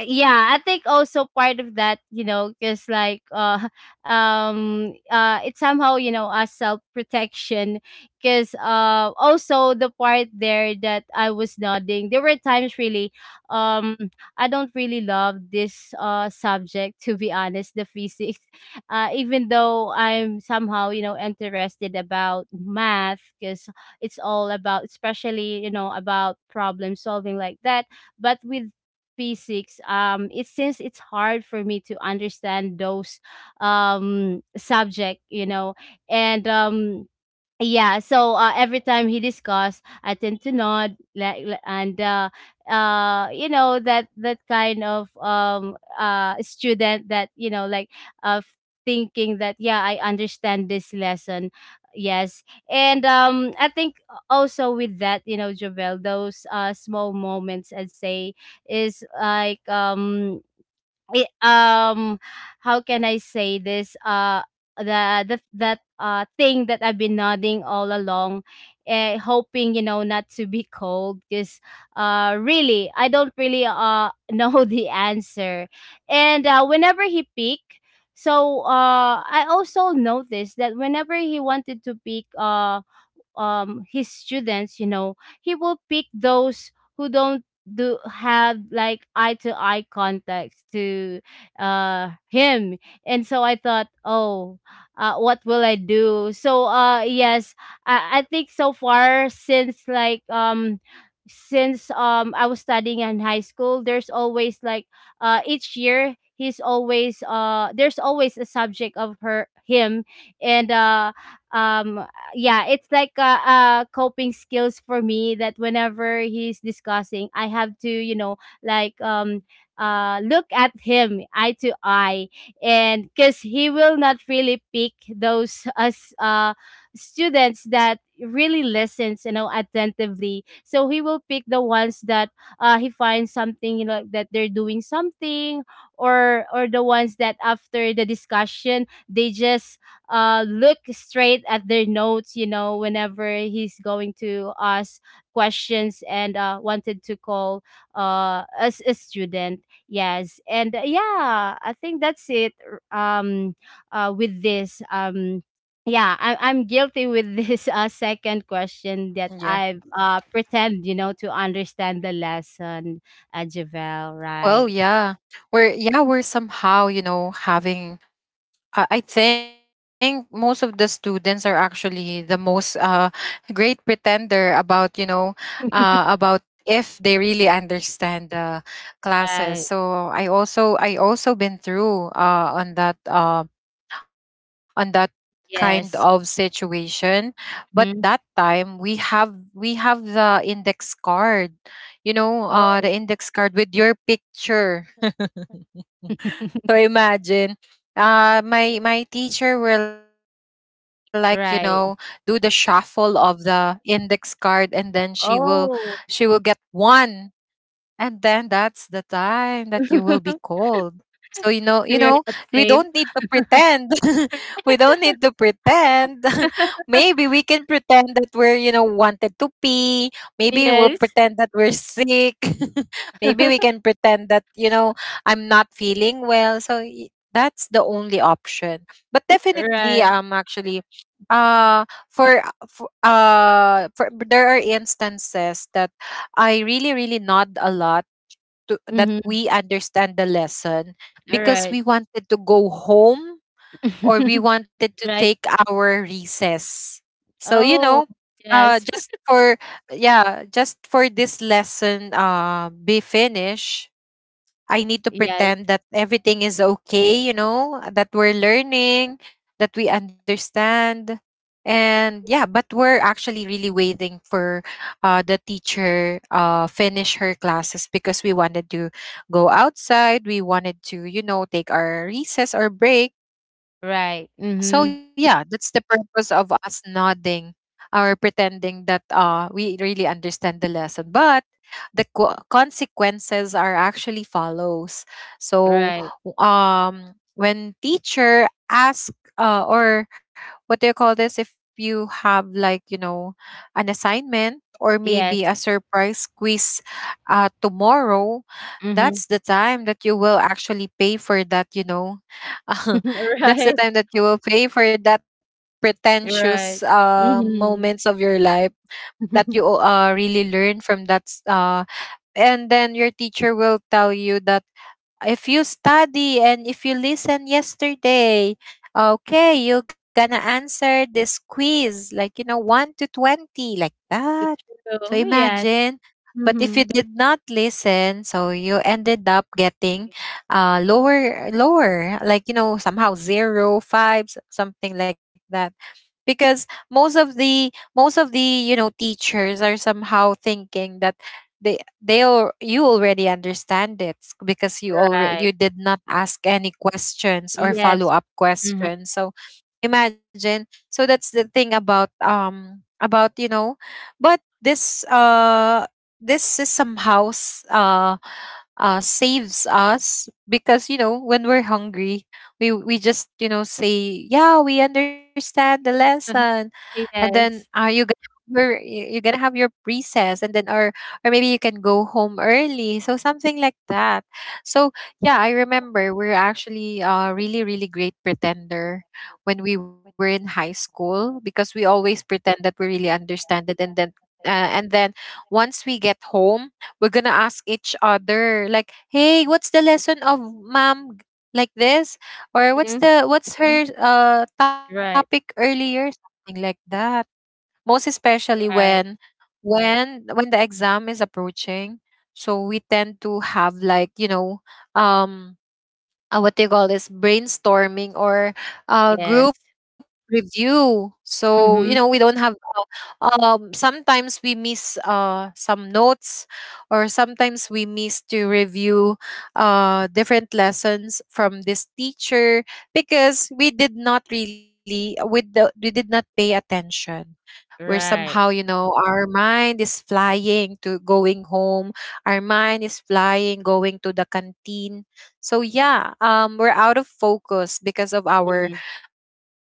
B: yeah, I think also part of that, you know, because like, it's somehow, a self-protection, because, also the part there that I was nodding, there were times really, um I don't really love this, subject, to be honest, the physics, even though I'm somehow, interested about math, because it's all about, especially, about problem solving, like that. But with P6, it, since it's hard for me to understand those, subject, you know. And yeah, so, every time he discuss, I tend to nod, like, and, you know, that kind of, student, that, like, of thinking that, yeah, I understand this lesson, yes. And, I think also, with that, you know, Jovel, those, small moments, I'd say, is like, it, um how can I say this, the that thing that I've been nodding all along, hoping, not to be cold, because, really, I don't really, know the answer. And whenever he peak, so, I also noticed that whenever he wanted to peak, his students, you know, he will pick those who don't do have like eye to eye contact to, him. And so I thought, "Oh, what will I do?" So, yes. I think so far, since like, since, I was studying in high school, there's always like, each year, he's always, there's always a subject of her him. And uh um yeah, it's like a coping skills for me, that whenever he's discussing, I have tolike um look at him eye to eye. And cuz he will not really pick those us students that really listens attentively. So he will pick the ones that he finds something that they're doing something, or the ones that after the discussion they just look straight at their notes, whenever he's going to ask questions and wanted to call as a student. Yes, and yeah, I think that's it. R- um uh with this, yeah, I'm guilty with this second
A: Yeah.
B: question that I pretend to understand the lesson, Javel,
A: Well,
B: right?
A: yeah. We're, yeah, we're somehow, having. I think most of the students are actually the most great pretender about, uh, about if they really understand the classes.
B: Right.
A: So I also been through, on that kind of
B: Yes.
A: situation. But that
B: Mhm.
A: time we have, we have the index card, the
B: Oh.
A: index card with your picture. So imagine, my teacher will, like, do the
B: Right.
A: shuffle of the index card, and then she will get
B: Oh.
A: one, and then that's the time that you will be called. So
B: So
A: we
B: you're not
A: don't need to
B: safe.
A: pretend. We don't need to pretend. Maybe we can pretend that we're, wanted to pee. Maybe we'll
B: Yes.
A: pretend that we're sick. Maybe we can pretend that, I'm not feeling well. So that's the only option. But definitely,
B: Right.
A: I'm actually, uh for, for there are instances that I really, really nod a lot, to, that
B: Mm-hmm.
A: we understand the lesson,
B: All
A: because
B: right.
A: we wanted to go home, or we wanted to take
B: Right.
A: our recess. So,
B: Oh, yes.
A: just for, yeah, just for this lesson be finished, I need to
B: Yes.
A: pretend that everything is okay, that we're learning, that we understand. And yeah, but we're actually really waiting for the teacher finish her classes, because we wanted to go outside. We wanted to, take our recess or break.
B: Right.
A: So yeah,
B: Mm-hmm.
A: that's the purpose of us nodding or pretending that we really understand the lesson. But the consequences are actually follows. So,
B: Right.
A: when teacher ask, or what do you call this, if you have, like, an assignment, or
B: Yes.
A: maybe a surprise quiz tomorrow,
B: Mm-hmm.
A: that's the time that you will actually pay for that. That's the
B: Right.
A: time that you will pay for that pretentious
B: Right. Mm-hmm.
A: moments of your life, that you really learn from that. And then your teacher will tell you that, if you study and if you listen yesterday, okay, you're gonna answer this quiz, like, 1 to 20, like that.
B: It's
A: So
B: true. Yes.
A: imagine. But if you
B: Mm-hmm.
A: did not listen, so you ended up getting lower, like, somehow zero five something like that. Because most of the teachers are somehow thinking that you already understand it, because
B: Right.
A: you did not ask any questions or follow
B: Yes.
A: up
B: Mm-hmm.
A: questions. So imagine. So that's the thing about, but this is somehow, saves us, because when we're hungry, we just, say yeah, we understand the lesson, and then are
B: Yes.
A: you gonna your you- you're gonna have your recess, and then, or, maybe you can go home early, so something like that. So yeah, I remember we're actually a really really great pretender when we were in high school, because we always pretend that we really understand it, and then once we get home, we're gonna ask each other, like, hey, what's the lesson of mom like this, or what's
B: Mhm.
A: the what's her topic
B: Right.
A: earlier, something like that, most especially when
B: Right.
A: when the exam is approaching. So we tend to have, like, um what they call this, brainstorming, or
B: Yes.
A: group review. So, we
B: Mhm.
A: don't have, sometimes we miss some notes, or sometimes we miss to review different lessons from this teacher, because we did not really we, do, we did not pay attention. We're somehow,
B: Right.
A: our mind is flying to going home. Our mind is flying going to the canteen. So yeah. We're out of focus because of
B: Mhm.
A: our,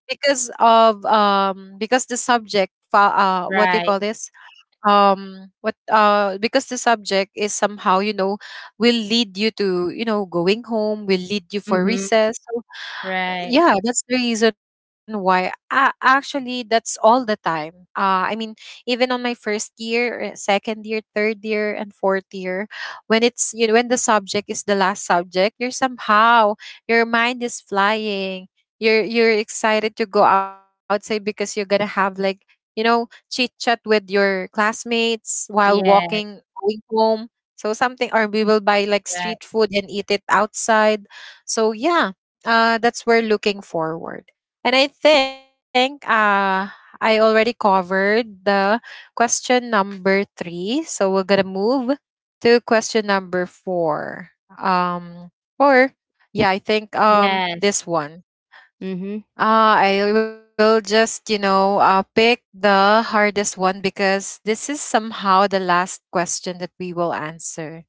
A: because of because the subject, what do you
B: Right.
A: call this? What because the subject is somehow, will lead you to, going home. Will lead you for
B: Mhm.
A: recess. So
B: Right.
A: yeah, that's the reason why, actually, that's all the time. I mean, even on my first year, second year, third year, and fourth year, when it's you know when the subject is the last subject, you're somehow, your mind is flying, you're excited to go outside, because you're gonna have, like, chit chat with your classmates while walking
B: Yes.
A: going home, so something, or we will buy, like, street
B: Right.
A: food and eat it outside. So yeah, that's we're looking forward. And I think, I already covered the question number three. So we're gonna move to question number four. Um, or Yeah, I think,
B: Yes.
A: this one.
B: Mhm.
A: I will just, pick the hardest one, because this is somehow the last question that we will answer.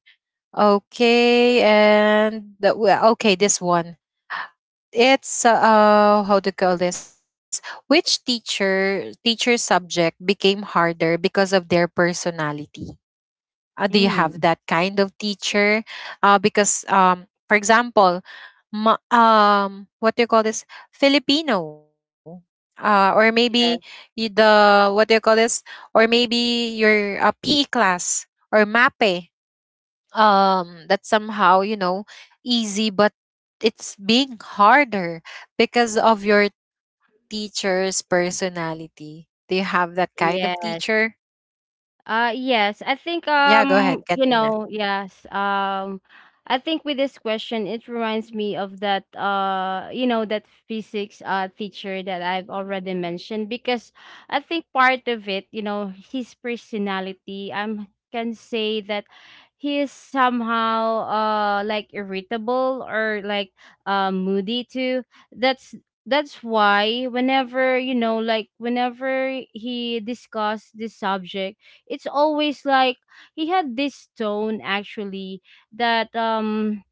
A: Okay, well, okay, this one, it's, how to call this, which teacher subject became harder because of their personality? Do you have that
B: Mm.
A: kind of teacher? Because, for example, what do you call this, Filipino, or maybe,
B: Yes.
A: y- the what do you call this, or maybe your, PE class, or MAPE, that's somehow, easy, but it's being harder because of your teacher's personality. Do you have that kind of teacher?
B: Yes. Yes, I
A: Yeah,
B: think
A: go ahead, Katrina.
B: yes. I think with this question it reminds me of that you know that physics teacher that I've already mentioned, because I think part of it, you know, his personality, I can say that he is somehow like irritable, or like moody too. That's that's why whenever, like, whenever he discussed this subject, it's always like he had this tone actually that,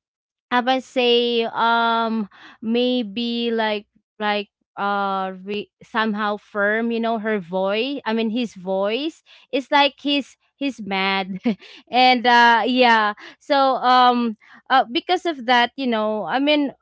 B: I would say, maybe like, somehow firm, her voice, I mean his voice is like he's mad. and yeah, so because of that, I mean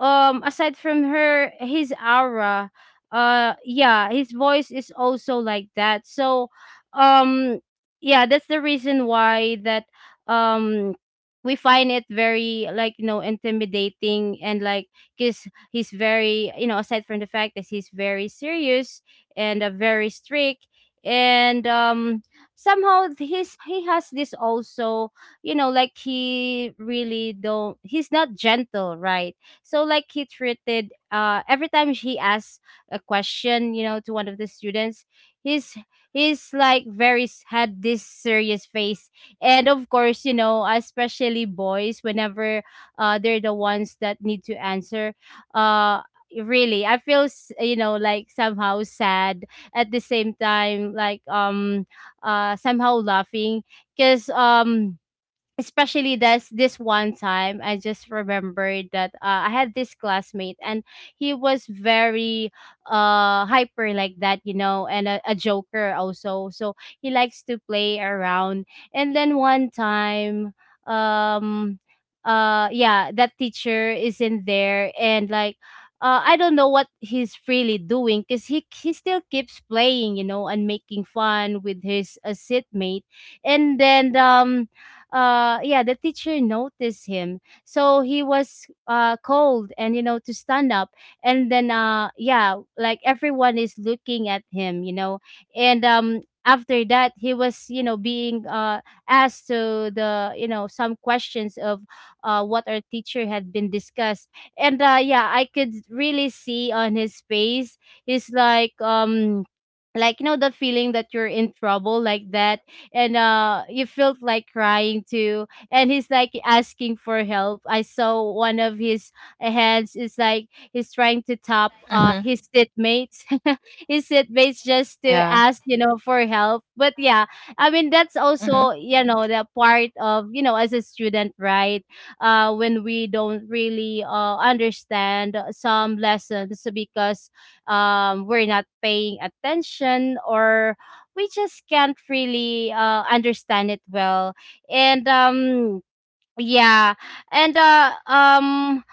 B: um aside from her his aura, yeah, his voice is also like that. So um yeah, that's the reason why that um we find it very like, intimidating, and like because he's very, aside from the fact that he's very serious and very strict. And, somehow his he has this also, you know, like he really don't, he's not gentle, right? So like he treated every time he asks a question, you know, to one of the students, he's he's like, had this serious face. And of course, you know, especially boys, whenever they're the ones that need to answer, uh really I feel somehow sad, at the same time like somehow laughing. Because, especially this one time I just remembered that, I had this classmate and he was very hyper, like that, you know, and a joker also, so he likes to play around. And then one time, um yeah, that teacher is in there, and like, I don't know what he's really doing, because he still keeps playing, you know, and making fun with his, seatmate. And then, yeah, the teacher noticed him, so he was cold and, to stand up. And then yeah, like everyone is looking at him, you know. And, after that he was, you know, being asked to the, you know, some questions of what our teacher had been discussed. And yeah, I could really see on his face, he's like, like you know the feeling that you're in trouble, like that. And he felt like crying too, and he's like asking for help. I saw one of his, hands is like he's trying to tap
A: Mm-hmm.
B: his seatmates his seatmates just
A: Yeah.
B: to ask, you know, for help, but yeah. I mean that's
A: Mm-hmm.
B: also, you know, the part of, you know, as a student, right? When we don't really understand some lessons, because, we're not paying attention, or we just can't really, understand it well. And, yeah. and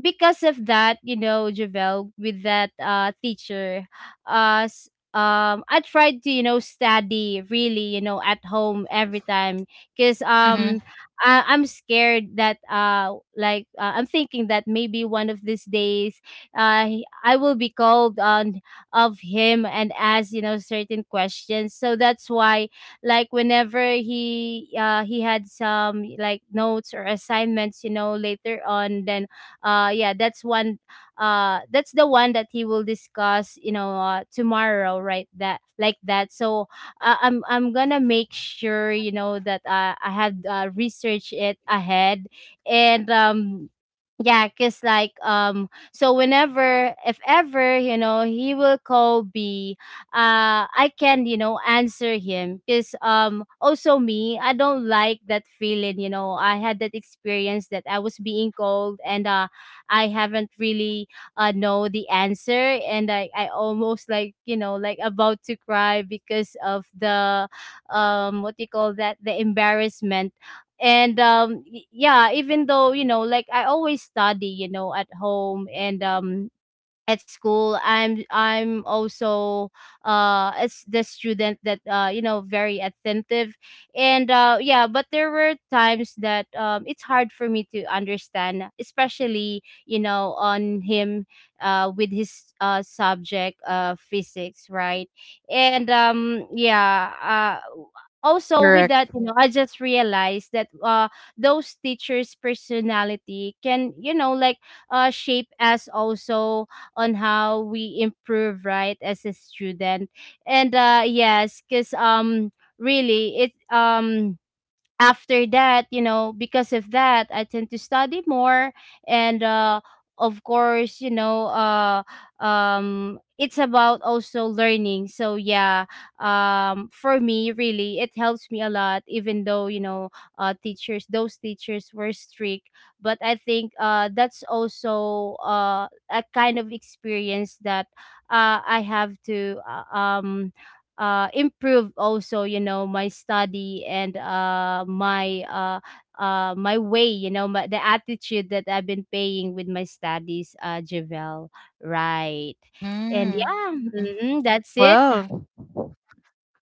B: Because of that, you know, Javel, with that teacher, uh s- I tried to, you know, study really, you know, at home every time. Because
A: Mm-hmm.
B: I'm scared that, I'm thinking that maybe one of these days I will be called on of him and ask, you know, certain questions. So that's why, like, whenever he had some like notes or assignments, you know, later on. Then yeah, that's the one that he will discuss, you know, tomorrow, right, that like that. So I'm gonna make sure, you know, that, I have, researched it ahead. And, yeah, because like, so whenever, if ever, you know, he will call b, I can, you know, answer him. Because also me, I don't like that feeling, you know, I had that experience that I was being called, and I haven't really, know the answer, and I almost, like, you know, like, about to cry because of the, what do you call that, the embarrassment. And, yeah, even though, you know, like, I always study, you know, at home, and, at school, I'm also as the student that you know very attentive. And yeah, but there were times that, it's hard for me to understand, especially, you know, on him, with his subject, physics, right? And, yeah.
A: Correct.
B: Also, with that, you know, I just realized that those teachers personality can, you know, like, shape us also on how we improve, right, as a student. And yes, because, really it, after that, you know, because of that, I tend to study more and of course, you know, it's about also learning. So yeah, for me really, it helps me a lot, even though, you know, teachers those teachers were strict, but I think that's also a kind of experience that I have to, improve also, you know, my study and, my, my way, you know, my, the attitude that I've been paying with my studies, Javel, right. And yeah,
A: Mm.
B: hmm, that's it.
A: Well,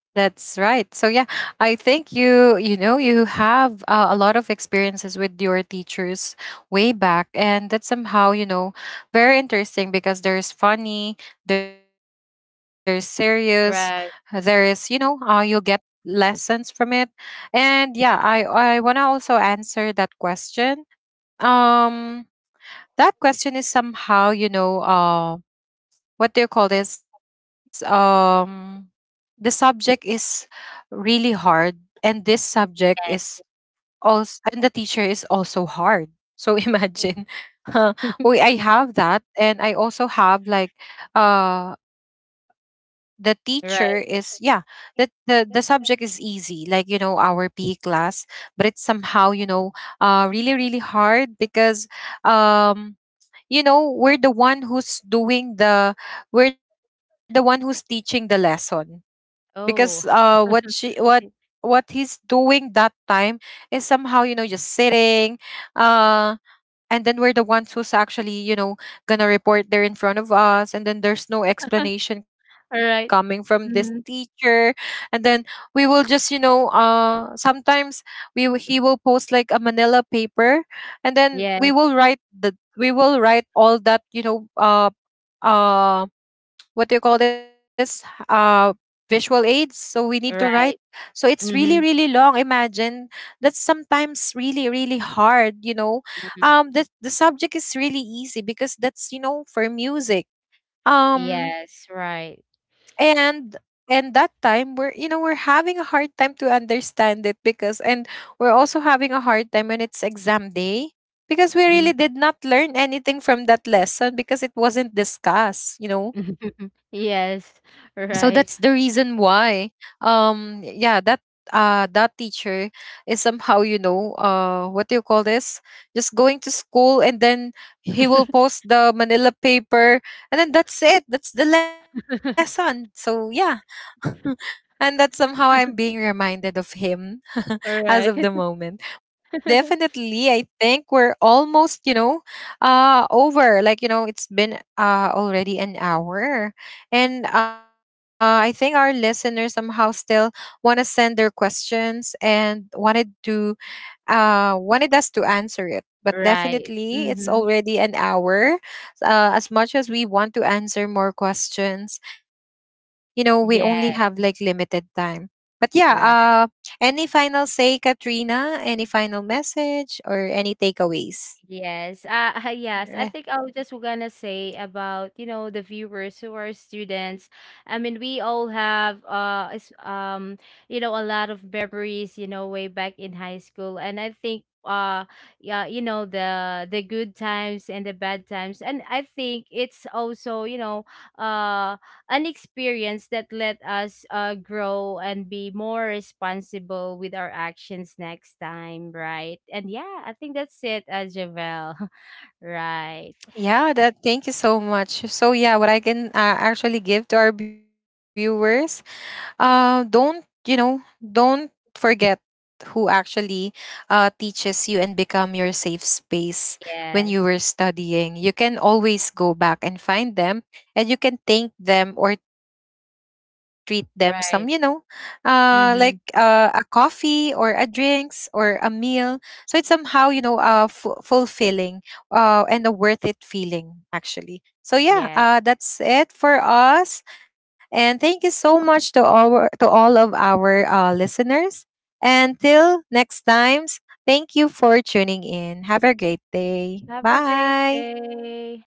A: that's right. So yeah, I think you, you know you have, a lot of experiences with your teachers way back, and that's somehow, very interesting, because there's funny, there's serious, there is,
B: Right.
A: you'll get lessons from it. And yeah, I wanna also answer that question. Um, that question is somehow, what do you call this? The subject is really hard, and this subject is
B: Yes.
A: also, and the teacher is also hard. So imagine, uh, we I have that, and I also have, like, uh, the teacher is, yeah,
B: Right.
A: the subject is easy, like, our PE class, but it's somehow, really really hard. Because, um we're the one who's doing the, we're the one who's teaching the lesson, because
B: Oh.
A: what she what he's doing that time is somehow, just sitting, uh and then we're the ones who's actually, gonna report there in front of us, and then there's no explanation
B: All
A: coming from
B: right.
A: this
B: Mhm.
A: teacher. And then we will just, sometimes, he will post, like, a manila paper, and then we
B: Yes.
A: will write all that, um what do you call this, uh visual aids, so we need to write,
B: Right.
A: so it's really
B: Mm-hmm.
A: really long, imagine. That's sometimes really really hard,
B: Mm-hmm.
A: the subject is really easy, because that's, for music. um
B: Yes. Right.
A: and and that time, we're you know we're having a hard time to understand it, because, and we're also having a hard time when it's exam day, because we really
B: Mhm.
A: did not learn anything from that lesson because it wasn't discussed,
B: Yes.
A: so that's the
B: Right.
A: reason why. Yeah, that teacher is somehow, what do you call this, just going to school, and then he will post the manila paper, and then that's it, that's the lesson. So yeah. And that somehow I'm being reminded of him as
B: All
A: of the
B: right.
A: moment. Definitely, I think we're almost, over. Like, it's been already an hour. And I think our listeners somehow still want to send their questions, and wanted to, wanted us to answer it. But
B: Right.
A: definitely, it's
B: Hmm.
A: already an hour. As much as we want to answer more questions, we only have like
B: Yes,
A: limited time. But yeah,
B: right.
A: any final say, Katrina? Any final message or any takeaways?
B: Yes. Yes, I
A: Alright.
B: think I was just gonna say about, you know, the viewers who are students. I mean, we all have you know, a lot of memories, you know, way back in high school. And I think yeah, you know, the good times and the bad times. And I think it's also, you know, uh an experience that let us, grow and be more responsible with our actions next time, right? And yeah, I think that's it, Javel. Right.
A: Yeah, that. Thank you so much. So yeah, what I can, actually give to our viewers, don't, don't forget who actually, teaches you and become your safe space when you were
B: Yes.
A: studying. You can always go back and find them, and you can thank them or treat them some,
B: Right.
A: like, a
B: Mm-hmm.
A: coffee or a drinks or a meal. So it's somehow, fulfilling, and a worth it feeling actually. So yeah,
B: Yes.
A: that's it for us. And thank you so much to all, of our, listeners. And till next times, thank you for tuning in. Have a great day.
B: Have a great
A: Bye.
B: day.